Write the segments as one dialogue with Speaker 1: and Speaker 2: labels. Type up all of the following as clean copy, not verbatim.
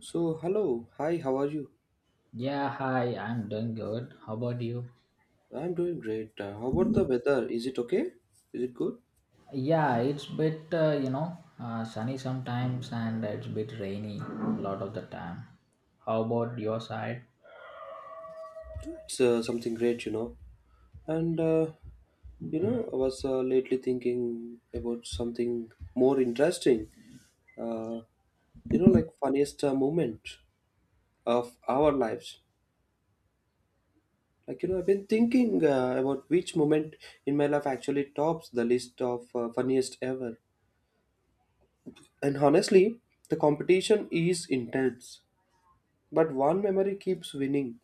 Speaker 1: So, hello. Hi, how are you?
Speaker 2: Yeah, hi, I'm doing good. How about you?
Speaker 1: I'm doing great. How about the weather? Is it okay? Is it good?
Speaker 2: Yeah, it's bit, sunny sometimes and it's bit rainy a lot of the time. How about your side?
Speaker 1: Yeah, it's something great. And, I was lately thinking about something more interesting. Uh, like funniest moment of our lives. Like, I've been thinking about which moment in my life actually tops the list of funniest ever. And honestly, the competition is intense. But one memory keeps winning.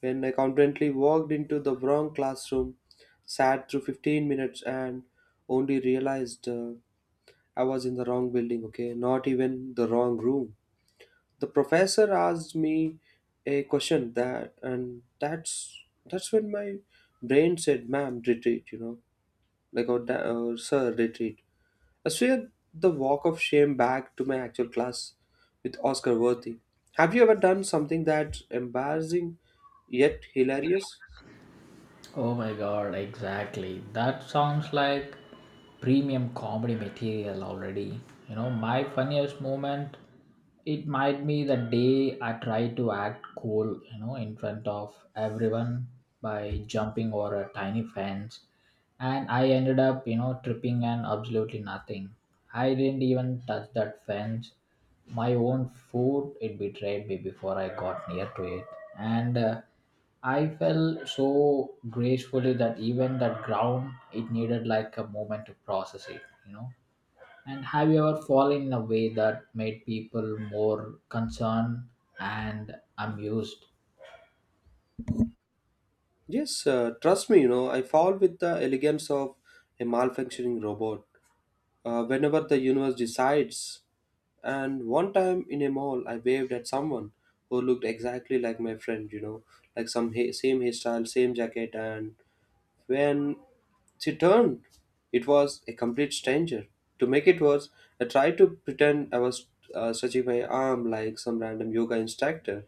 Speaker 1: When I confidently walked into the wrong classroom, sat through 15 minutes, and only realized I was in the wrong building, okay? Not even the wrong room. The professor asked me a question, and that's when my brain said, "Ma'am, retreat," like, or, or sir, retreat. I swear the walk of shame back to my actual class with Oscar Worthy. Have you ever done something that embarrassing yet hilarious?
Speaker 2: Oh my god, exactly. That sounds like premium comedy material already. My funniest moment, it might be the day I tried to act cool, in front of everyone by jumping over a tiny fence. And I ended up, tripping and absolutely nothing. I didn't even touch that fence. My own foot, it betrayed me before I got near to it. And I felt so gracefully that even that ground, it needed like a moment to process it. And have you ever fallen in a way that made people more concerned and amused?
Speaker 1: Yes, trust me, I fall with the elegance of a malfunctioning robot. Whenever the universe decides, and one time in a mall, I waved at someone who looked exactly like my friend, like some same hairstyle, same jacket, and when she turned, it was a complete stranger. To make it worse, I tried to pretend I was stretching my arm like some random yoga instructor.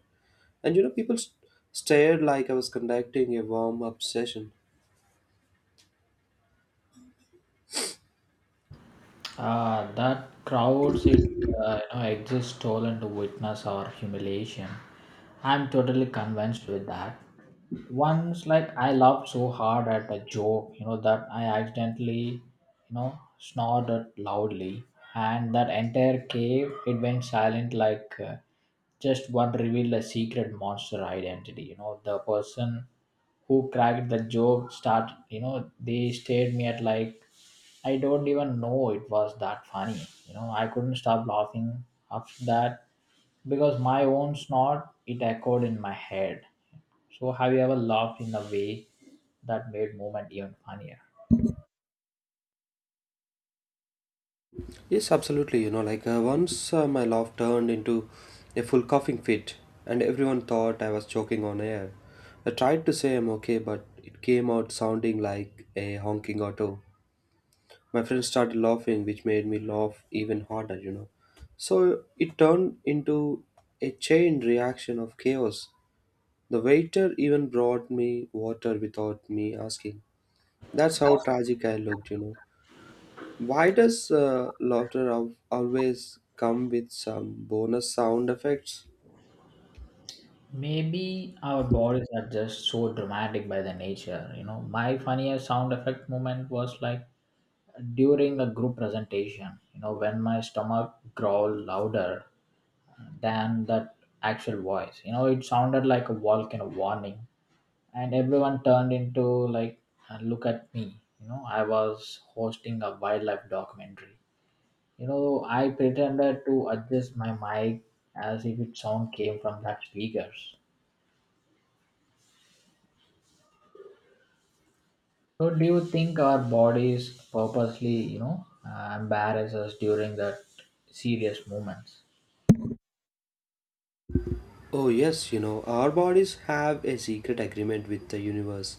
Speaker 1: And people stared like I was conducting a warm up session.
Speaker 2: Ah, that crowds it exist stolen to witness our humiliation. I'm totally convinced with that. Once, like I laughed so hard at a joke, that I accidentally, snorted loudly, and that entire cave it went silent. Like just one revealed a secret monster identity. The person who cracked the joke start. They stared me at like I don't even know it was that funny. I couldn't stop laughing after that because my own snort it echoed in my head. So have you ever laughed in a way that made movement even funnier?
Speaker 1: Yes, absolutely. Like once my laugh turned into a full coughing fit, and everyone thought I was choking on air. I tried to say I'm okay, but it came out sounding like a honking auto. My friend started laughing, which made me laugh even harder. So it turned into a chain reaction of chaos. The waiter even brought me water without me asking. That's how tragic I looked. Why does laughter always come with some bonus sound effects?
Speaker 2: Maybe our bodies are just so dramatic by the nature. My funniest sound effect moment was like during a group presentation. When my stomach growled louder than that actual voice. It sounded like a volcano warning, and everyone turned into like look at me. I was hosting a wildlife documentary. I pretended to adjust my mic as if its sound came from that speakers. So do you think our bodies purposely embarrass us during that serious moments?
Speaker 1: Oh, yes, our bodies have a secret agreement with the universe,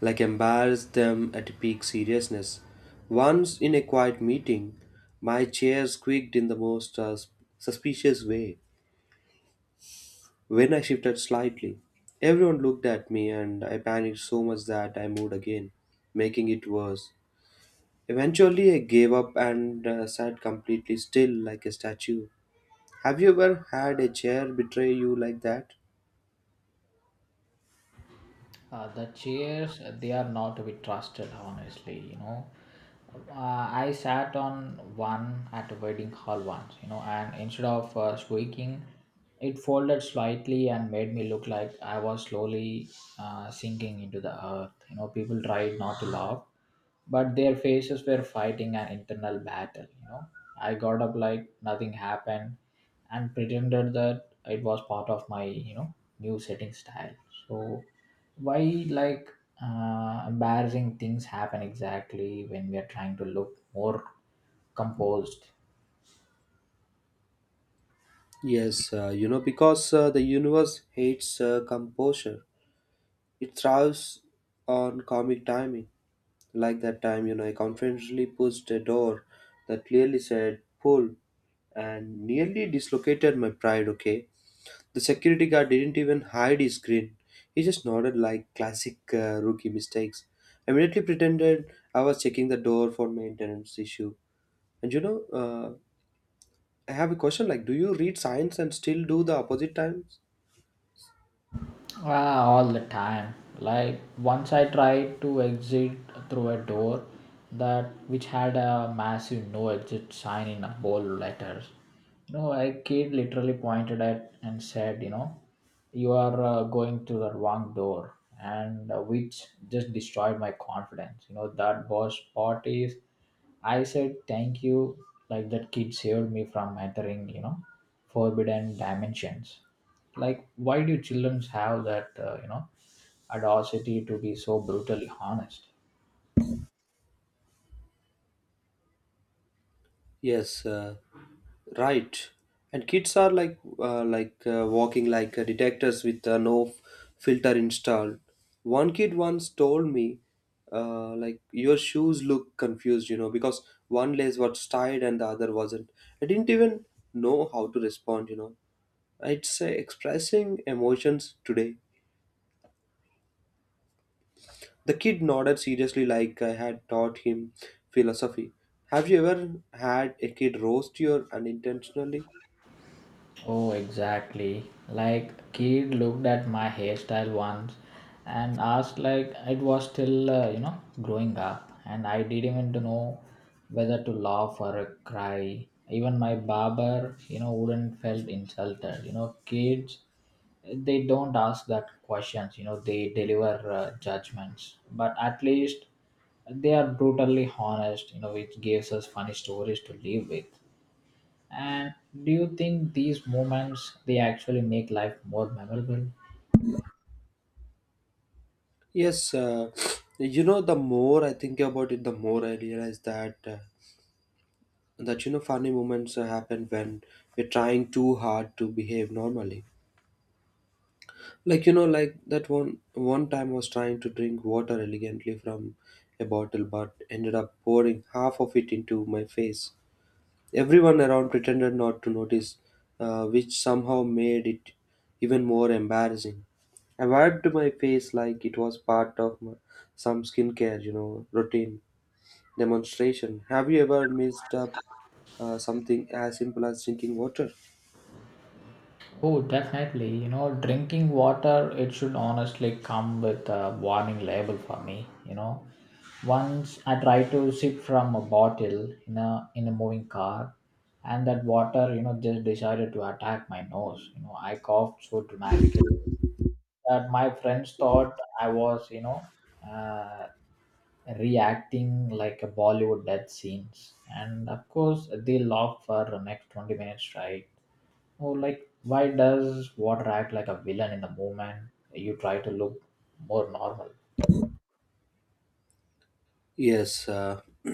Speaker 1: like embarrass them at peak seriousness. Once in a quiet meeting, my chair squeaked in the most suspicious way when I shifted slightly. Everyone looked at me and I panicked so much that I moved again, making it worse. Eventually, I gave up and sat completely still like a statue. Have you ever had a chair betray you like that?
Speaker 2: The chairs, they are not to be trusted, honestly. I sat on one at a wedding hall once, and instead of squeaking, it folded slightly and made me look like I was slowly sinking into the earth. People tried not to laugh, but their faces were fighting an internal battle. I got up like nothing happened and pretended that it was part of my, new setting style. So, why like embarrassing things happen exactly when we are trying to look more composed?
Speaker 1: Yes, because the universe hates composure. It thrives on comic timing. Like that time, I confidently pushed a door that clearly said pull and nearly dislocated my pride, okay? The security guard didn't even hide his grin. He just nodded like classic rookie mistakes. I immediately pretended I was checking the door for maintenance issue. And I have a question like, do you read science and still do the opposite times?
Speaker 2: Ah, all the time. Like once I tried to exit through a door that which had a massive no exit sign in a bold letters. A kid literally pointed at and said, you are going to the wrong door, and which just destroyed my confidence, that boss parties. I said thank you, like that kid saved me from entering, forbidden dimensions. Like, why do children have that, audacity to be so brutally honest?
Speaker 1: Yes, right. And kids are like walking like detectors with no filter installed. One kid once told me, like your shoes look confused, because one lace was tied and the other wasn't. I didn't even know how to respond. It's expressing emotions today. The kid nodded seriously, like I had taught him philosophy. Have you ever had a kid roast you unintentionally?
Speaker 2: Oh, exactly. Like kid looked at my hairstyle once and asked like it was still growing up, and I didn't even know whether to laugh or cry. Even my barber, wouldn't felt insulted. Kids they don't ask that questions. They deliver judgments, but at least they are brutally honest. Which gives us funny stories to live with. And do you think these moments they actually make life more memorable?
Speaker 1: Yes, the more I think about it, the more I realize that funny moments happen when we're trying too hard to behave normally. Like like that one time I was trying to drink water elegantly from a bottle, but ended up pouring half of it into my face. Everyone around pretended not to notice, which somehow made it even more embarrassing. I wiped my face like it was part of my, some skincare, routine demonstration. Have you ever messed up something as simple as drinking water?
Speaker 2: Oh, definitely. Drinking water it should honestly come with a warning label for me. Once I tried to sip from a bottle in a moving car, and that water just decided to attack my nose. I coughed so dramatically that my friends thought I was. Uh, reacting like a Bollywood death scenes. And of course, they laugh for the next 20 minutes, right? Oh, like, why does water act like a villain in the moment? You try to look more normal.
Speaker 1: Yes,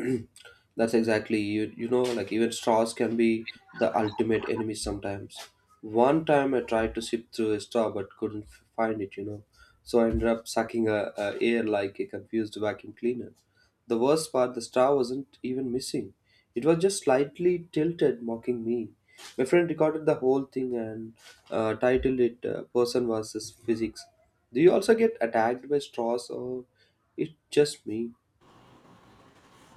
Speaker 1: that's exactly you. Like even straws can be the ultimate enemy sometimes. One time I tried to sip through a straw but couldn't find it. So I ended up sucking a air like a confused vacuum cleaner. The worst part, the straw wasn't even missing. It was just slightly tilted, mocking me. My friend recorded the whole thing and titled it "Person versus Physics." Do you also get attacked by straws, or it's just me?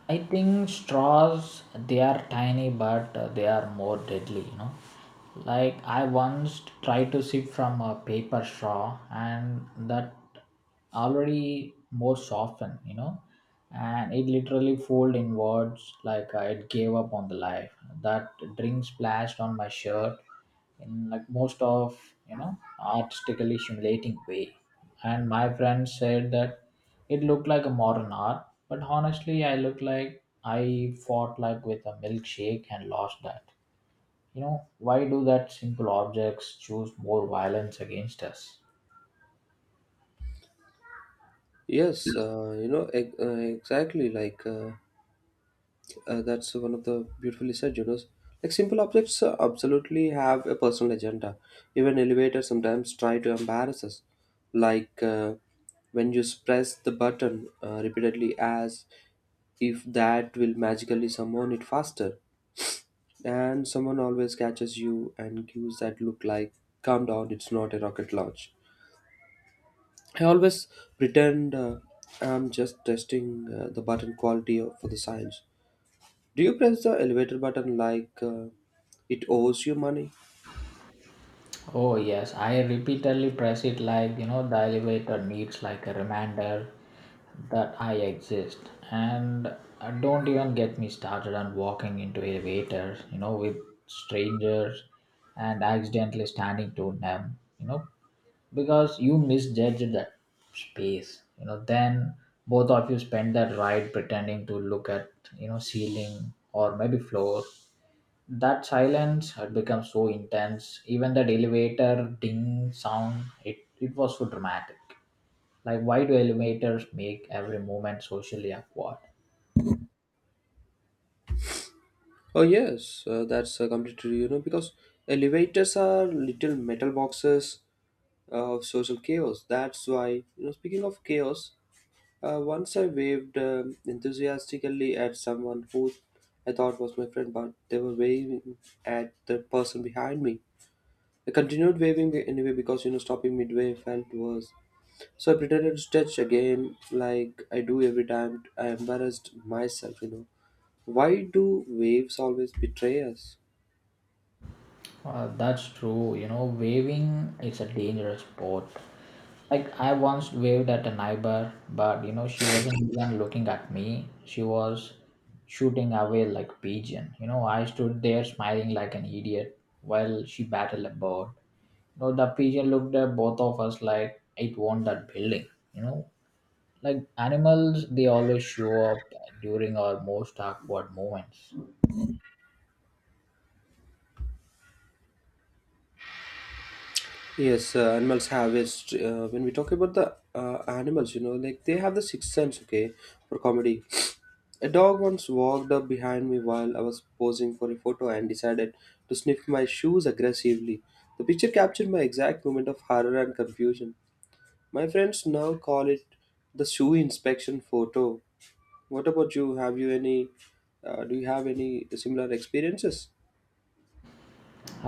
Speaker 2: I think straws they are tiny but they are more deadly. Like I once tried to sip from a paper straw and that already more softened. And it literally folded inwards like it gave up on the life. That drink splashed on my shirt in like most of, artistically humiliating way. And my friend said that it looked like a modern art, but honestly, I looked like I fought like with a milkshake and lost that. Why do that simple objects choose more violence against us?
Speaker 1: Yes, exactly. Like, that's one of the beautifully said. Like, simple objects absolutely have a personal agenda. Even elevators sometimes try to embarrass us. Like, when you press the button repeatedly as if that will magically summon it faster. And someone always catches you and gives that look like, calm down, it's not a rocket launch. I always pretend I'm just testing the button quality of, for the science. Do you press the elevator button like it owes you money?
Speaker 2: Oh yes, I repeatedly press it like the elevator needs like a reminder that I exist. And don't even get me started on walking into elevators, with strangers and accidentally standing to them. Because you misjudged that space, then both of you spend that ride pretending to look at, ceiling or maybe floor. That silence had become so intense even that elevator ding sound it was so dramatic. Like why do elevators make every moment socially awkward?
Speaker 1: Oh yes, that's completely because elevators are little metal boxes of social chaos. That's why. Speaking of chaos, once I waved enthusiastically at someone who I thought was my friend, but they were waving at the person behind me. I continued waving anyway because stopping midway felt worse. So I pretended to stretch again like I do every time. I embarrassed myself. Why do waves always betray us?
Speaker 2: That's true. Waving is a dangerous sport. Like I once waved at a neighbor, but she wasn't even looking at me. She was shooting away like a pigeon. I stood there smiling like an idiot while she battled a bird. The pigeon looked at both of us like it won that building. You know like animals they always show up during our most awkward moments.
Speaker 1: Yes, animals have a when we talk about the animals, like they have the sixth sense, okay, for comedy. A dog once walked up behind me while I was posing for a photo and decided to sniff my shoes aggressively. The picture captured my exact moment of horror and confusion. My friends now call it the shoe inspection photo. What about you? Have you any? Do you have any similar experiences?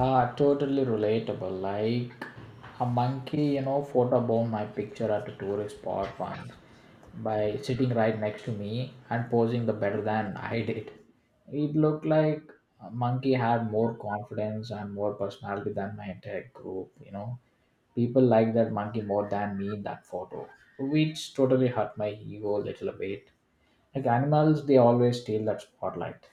Speaker 2: Ah, totally relatable. Like a monkey, photobombed my picture at a tourist spot once by sitting right next to me and posing the better than I did. It looked like a monkey had more confidence and more personality than my entire group. People liked that monkey more than me in that photo, which totally hurt my ego a little bit. Like animals, they always steal that spotlight.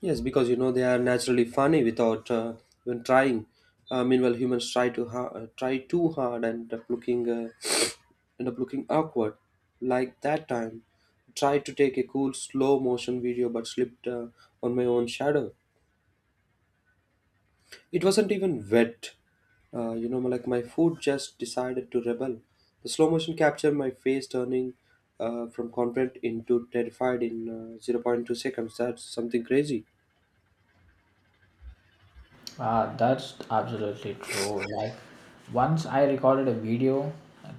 Speaker 1: Yes, because they are naturally funny without even trying. Meanwhile, humans try too hard and end up looking end up looking awkward. Like that time, tried to take a cool slow motion video but slipped on my own shadow. It wasn't even wet. Like my food just decided to rebel. The slow motion captured my face turning from confident into terrified in zero point 0.2 seconds. That's something crazy.
Speaker 2: Ah, that's absolutely true. Like, once I recorded a video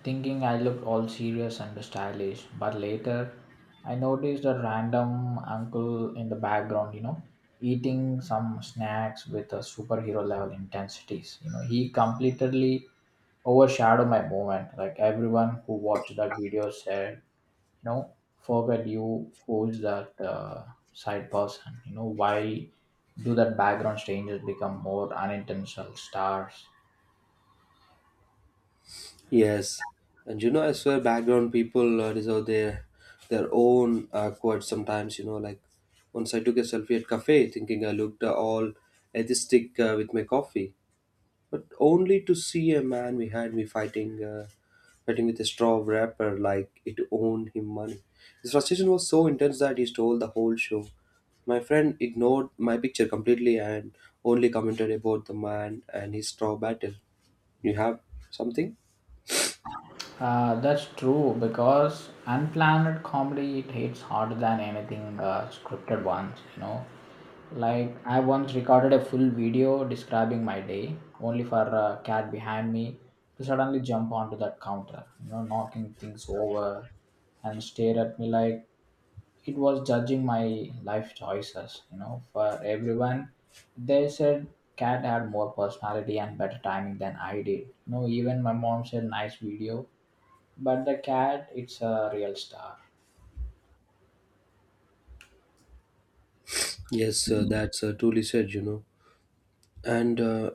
Speaker 2: thinking I looked all serious and stylish, but later I noticed a random uncle in the background, eating some snacks with a superhero level intensities. He completely overshadowed my moment. Like, everyone who watched that video said, you know forget you, who is that side person. Why do that background changes become more unintentional stars?
Speaker 1: Yes, and I swear, background people deserve their own quotes sometimes. Like once I took a selfie at cafe, thinking I looked all atheistic with my coffee. But only to see a man behind me fighting with a straw wrapper like it owned him money. His frustration was so intense that he stole the whole show. My friend ignored my picture completely and only commented about the man and his straw battle. You have something?
Speaker 2: That's true, because unplanned comedy it hits harder than anything scripted ones. Like I once recorded a full video describing my day, only for a cat behind me to suddenly jump onto that counter, knocking things over and stare at me like it was judging my life choices. For everyone, they said cat had more personality and better timing than I did. Even my mom said nice video, but the cat it's a real star.
Speaker 1: Yes, that's truly said. And uh,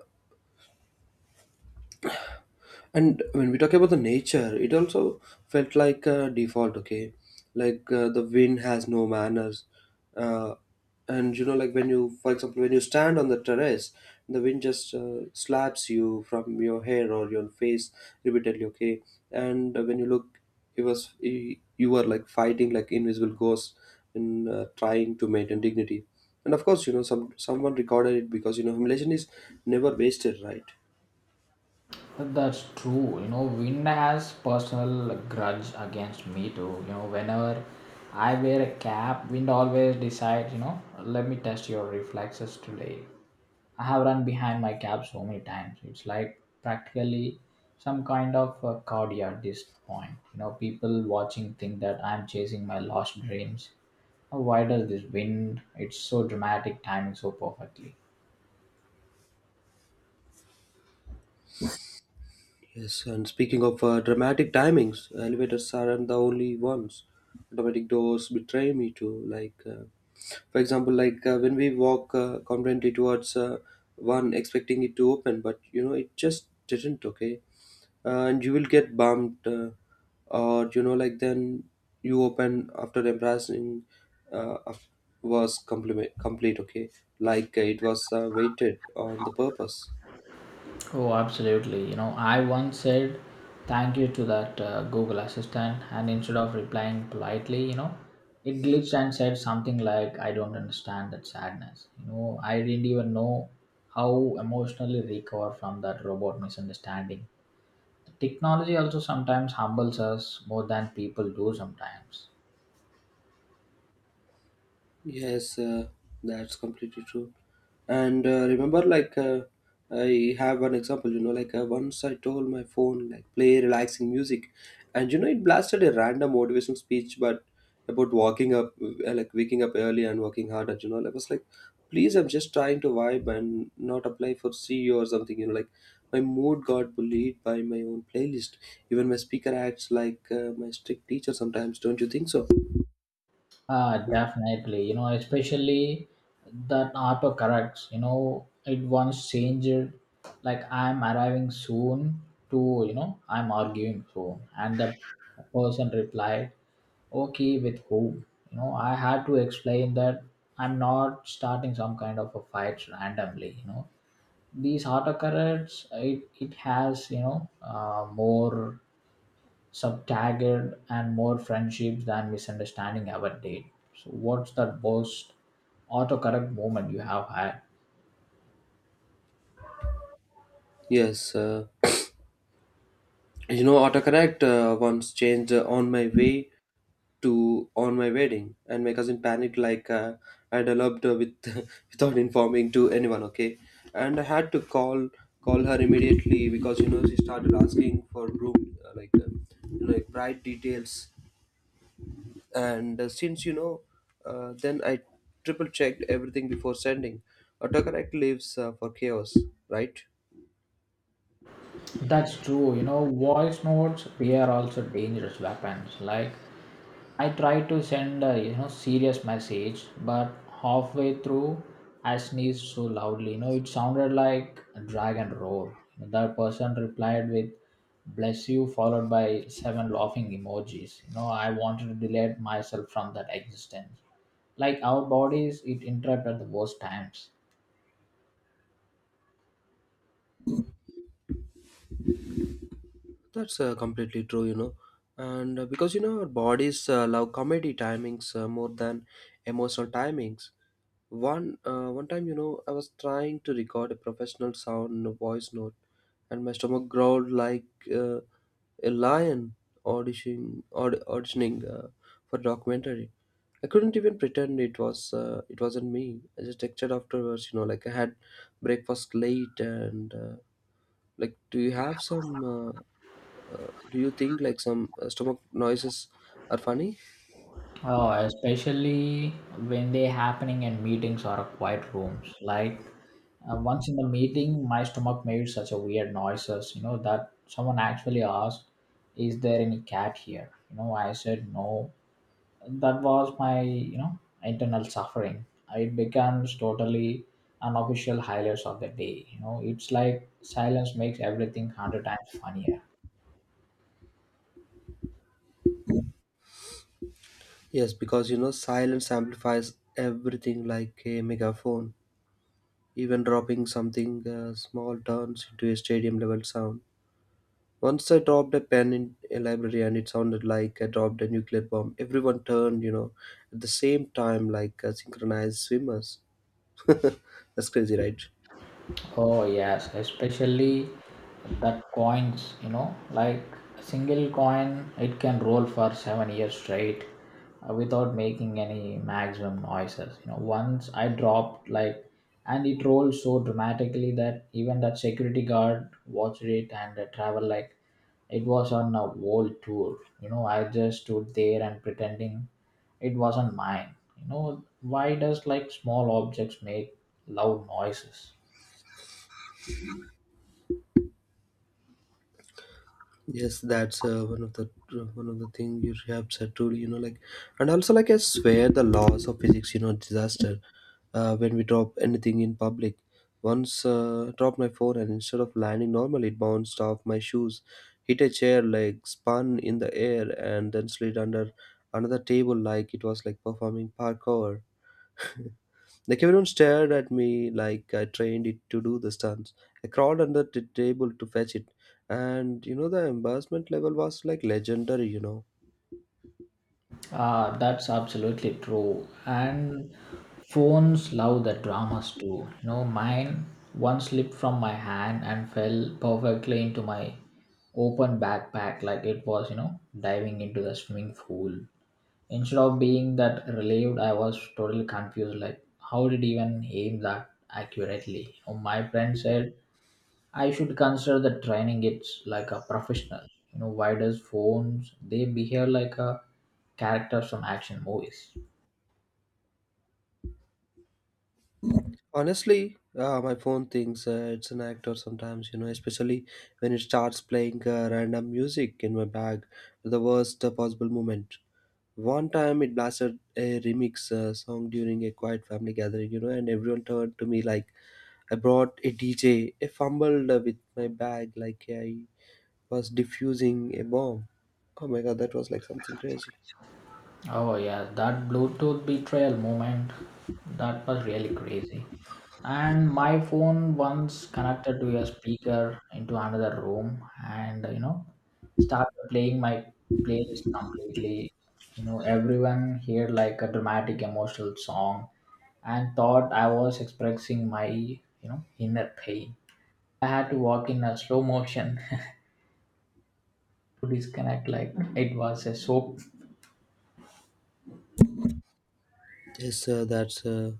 Speaker 1: and when we talk about the nature, it also felt like a default, okay? Like, the wind has no manners. uh, and like when you, for example, when you stand on the terrace, the wind just slaps you from your hair or your face, repeatedly, okay? And when you look, it was you, you were like fighting like invisible ghosts and trying to maintain dignity. And of course, someone recorded it because humiliation is never wasted, right?
Speaker 2: That's true. Vin has personal grudge against me too. Whenever I wear a cap, wind always decides, let me test your reflexes today. I have run behind my cab so many times. It's like practically some kind of a cardia at this point. People watching think that I'm chasing my lost dreams. How wide does this wind? It's so dramatic, timing so perfectly.
Speaker 1: Yes, and speaking of dramatic timings, elevators aren't the only ones. Automatic doors betray me too. Like, for example, like when we walk confidently towards one, expecting it to open, but it just didn't. Okay, and you will get bumped, or like then you open after embarrassing uh, af- was compliment complete. Okay, like it was waited on the purpose.
Speaker 2: Oh, absolutely. I once said thank you to that Google Assistant, and instead of replying politely, it glitched and said something like, I don't understand that sadness. I didn't even know how emotionally recover from that robot misunderstanding. The technology also sometimes humbles us more than people do sometimes.
Speaker 1: Yes, that's completely true. And remember, like, I have one example, like, once I told my phone, like, play relaxing music, and it blasted a random motivational speech, but about walking up, like, waking up early and working harder, like, I was like, please, I'm just trying to vibe and not apply for CEO or something, like, my mood got bullied by my own playlist. Even my speaker acts like my strict teacher sometimes, don't you think so?
Speaker 2: Definitely, especially that autocorrects, it once changed like I'm arriving soon to, I'm arguing soon. And the person replied, okay, with whom? I had to explain that I'm not starting some kind of a fight randomly. These autocorrects, it has, more Subtagged and more friendships than misunderstanding ever did. So what's the most autocorrect moment you have had?
Speaker 1: Yes. Autocorrect once changed "on my way" to "on my wedding," and my cousin panicked like I developed with without informing to anyone. Okay, and I had to call her immediately because you know she started asking for room you know, like bride details, and since you know, then I triple checked everything before sending. Autocorrect lives for chaos, right?
Speaker 2: That's true. Voice notes, they are also dangerous weapons. Like I tried to send a serious message, but halfway through I sneezed so loudly. It sounded like a dragon roar. That person replied with "bless you" followed by seven laughing emojis. I wanted to delete myself from that existence. Like our bodies, it interrupt at the worst times.
Speaker 1: That's completely true, you know. And because you know our bodies love comedy timings more than emotional timings. One time, you know, I was trying to record a professional sound voice note, and my stomach growled like uh, a lion auditioning for a documentary. I couldn't even pretend it wasn't me. I just texted afterwards, you know, like I had breakfast late and like, do you have some do you think like some stomach noises are funny?
Speaker 2: Oh, especially when they happening in meetings or quiet rooms. Like once in the meeting, my stomach made such a weird noises, that someone actually asked, "Is there any cat here?" I said no. That was my, internal suffering. It becomes totally unofficial highlights of the day. It's like silence makes everything 100 times funnier.
Speaker 1: Yes, because you know silence amplifies everything like a megaphone. Even dropping something small turns into a stadium level sound. Once I dropped a pen in a library and it sounded like I dropped a nuclear bomb. Everyone turned, you know, at the same time like synchronized swimmers. That's crazy, right?
Speaker 2: Oh yes, especially that coins, like a single coin, it can roll for 7 years straight without making any maximum noises. Once I dropped like, and it rolled so dramatically that even that security guard watched it and travel like it was on a world tour. I just stood there and pretending it wasn't mine. Why does like small objects make loud noises?
Speaker 1: Yes, that's one of the thing you have said truly, you know, like, and also like I swear the laws of physics, you know, disaster. When we drop anything in public, once dropped my phone and instead of landing normally, it bounced off my shoes, hit a chair, like spun in the air, and then slid under another table like it was like performing parkour. The everyone stared at me like I trained it to do the stunts. I crawled under the table to fetch it, and you know the embarrassment level was like legendary. You know,
Speaker 2: Ah, that's absolutely true. And phones love the dramas too. Mine one slipped from my hand and fell perfectly into my open backpack like it was, diving into the swimming pool. Instead of being that relieved, I was totally confused. Like, how did he even aim that accurately? My friend said I should consider the training it's like a professional. Why does phones they behave like a characters from action movies?
Speaker 1: honestly, my phone thinks it's an actor sometimes. You know, especially when it starts playing random music in my bag at the worst possible moment. One time it blasted a remix song during a quiet family gathering, you know, and everyone turned to me like I brought a DJ. I fumbled with my bag like I was defusing a bomb. Oh my god, that was like something crazy.
Speaker 2: Oh yeah, that Bluetooth betrayal moment, that was really crazy. And my phone once connected to a speaker into another room, and started playing my playlist completely. Everyone heard like a dramatic emotional song, and thought I was expressing my inner pain. I had to walk in a slow motion to disconnect. Like it was a soap.
Speaker 1: Yes,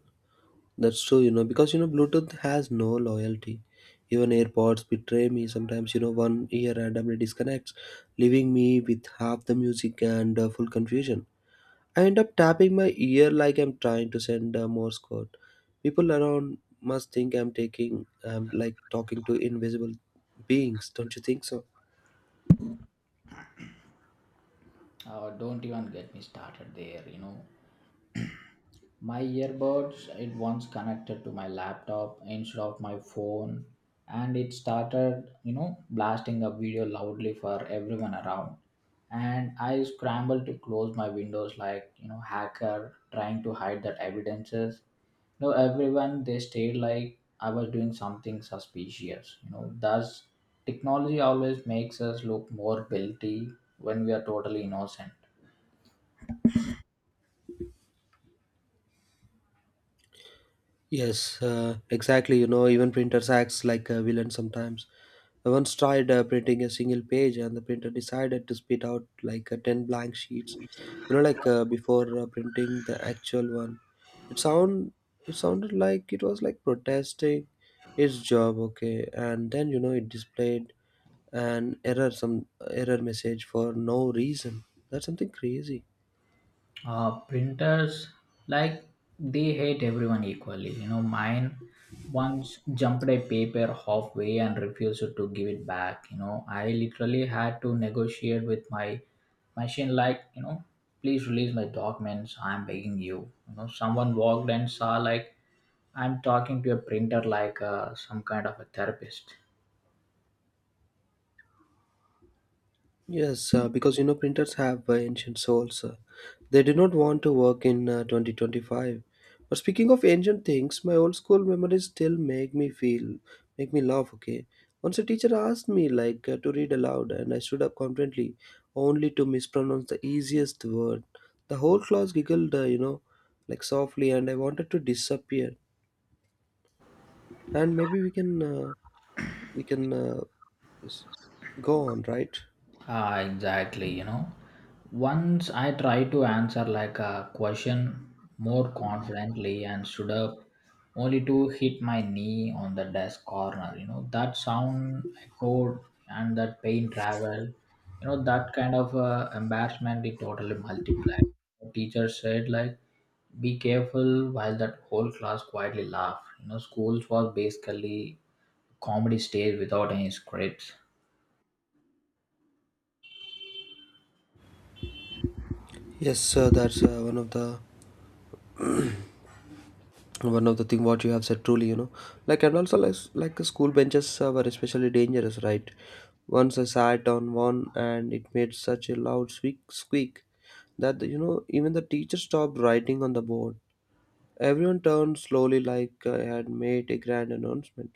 Speaker 1: that's true. You know, because you know, Bluetooth has no loyalty. Even AirPods betray me sometimes. You know, one ear randomly disconnects, leaving me with half the music and full confusion. I end up tapping my ear like I'm trying to send a Morse code. People around must think I'm taking, I'm like talking to invisible beings. Don't you think so?
Speaker 2: Oh, don't even get me started there. You know. My earbuds, it once connected to my laptop instead of my phone, and it started, blasting a video loudly for everyone around. And I scrambled to close my windows like, hacker trying to hide that evidences. No, everyone they stayed like I was doing something suspicious. Thus technology always makes us look more guilty when we are totally innocent.
Speaker 1: Yes, exactly. You know, even printers acts like a villain sometimes. I once tried printing a single page, and the printer decided to spit out like ten blank sheets. You know, like before printing the actual one. It sound it sounded like it was like protesting its job. Okay, and then you know it displayed an error, some error message for no reason. That's something crazy.
Speaker 2: Printers, like, they hate everyone equally. Mine once jumped a paper halfway and refused to give it back. I literally had to negotiate with my machine like, please release my documents, I'm begging you. You know Someone walked and saw like, I'm talking to a printer like some kind of a therapist.
Speaker 1: Yes, because you know printers have ancient souls. They do not want to work in 2025. But speaking of ancient things, my old school memories still make me feel, make me laugh. Okay, once a teacher asked me like to read aloud, and I stood up confidently, only to mispronounce the easiest word. The whole class giggled, you know, like softly, and I wanted to disappear. And maybe we can s- go on, right?
Speaker 2: Ah, exactly. Once I tried to answer like a question more confidently and stood up only to hit my knee on the desk corner. That sound echoed and that pain traveled. That kind of embarrassment it totally multiplied. The teacher said like, be careful while that whole class quietly laughed. Schools was basically comedy stage without any scripts.
Speaker 1: Yes, sir. That's one of the thing what you have said truly, you know, like, and also like school benches were especially dangerous, right? Once I sat on one and it made such a loud squeak that you know even the teacher stopped writing on the board. Everyone turned slowly like I had made a grand announcement.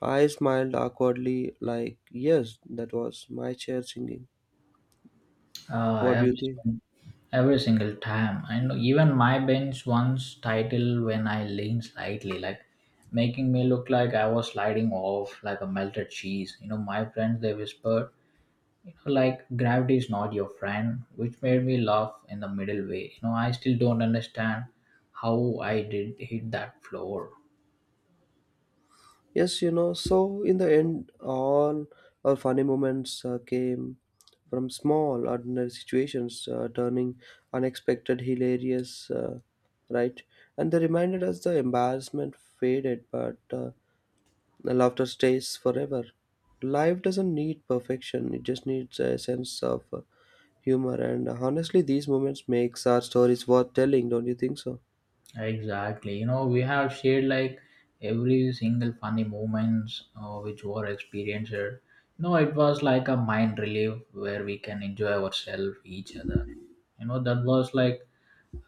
Speaker 1: I smiled awkwardly like, yes, that was my chair singing.
Speaker 2: Uh,
Speaker 1: What do you
Speaker 2: every,
Speaker 1: think?
Speaker 2: sin- every single time. And even my bench once titled when I leaned slightly, like making me look like I was sliding off like a melted cheese. My friends, they whispered, like gravity is not your friend, which made me laugh in the middle way. I still don't understand how I did hit that floor.
Speaker 1: Yes, you know, so in the end all our funny moments came from small ordinary situations turning unexpected hilarious, right? And they reminded us the embarrassment faded, but the laughter stays forever. Life doesn't need perfection, it just needs a sense of humor, and honestly these moments makes our stories worth telling, don't you think so?
Speaker 2: Exactly. We have shared like every single funny moments which were experienced. It was like a mind relief where we can enjoy ourselves, each other. That was like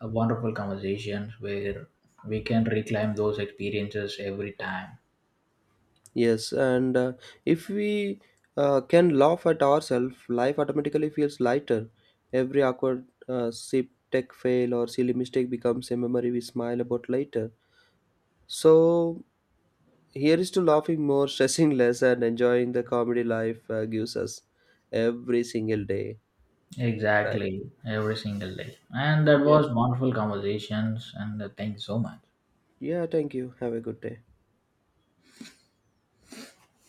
Speaker 2: a wonderful conversation where we can reclaim those experiences every time.
Speaker 1: Yes, and if we can laugh at ourselves, life automatically feels lighter. Every awkward sip, tech fail, or silly mistake becomes a memory we smile about later. So, here is to laughing more, stressing less, and enjoying the comedy life gives us every single day. Right.
Speaker 2: Exactly, every single day. And that
Speaker 1: Yeah.
Speaker 2: was wonderful conversations. And thank you so much.
Speaker 1: Yeah, thank you. Have a good day.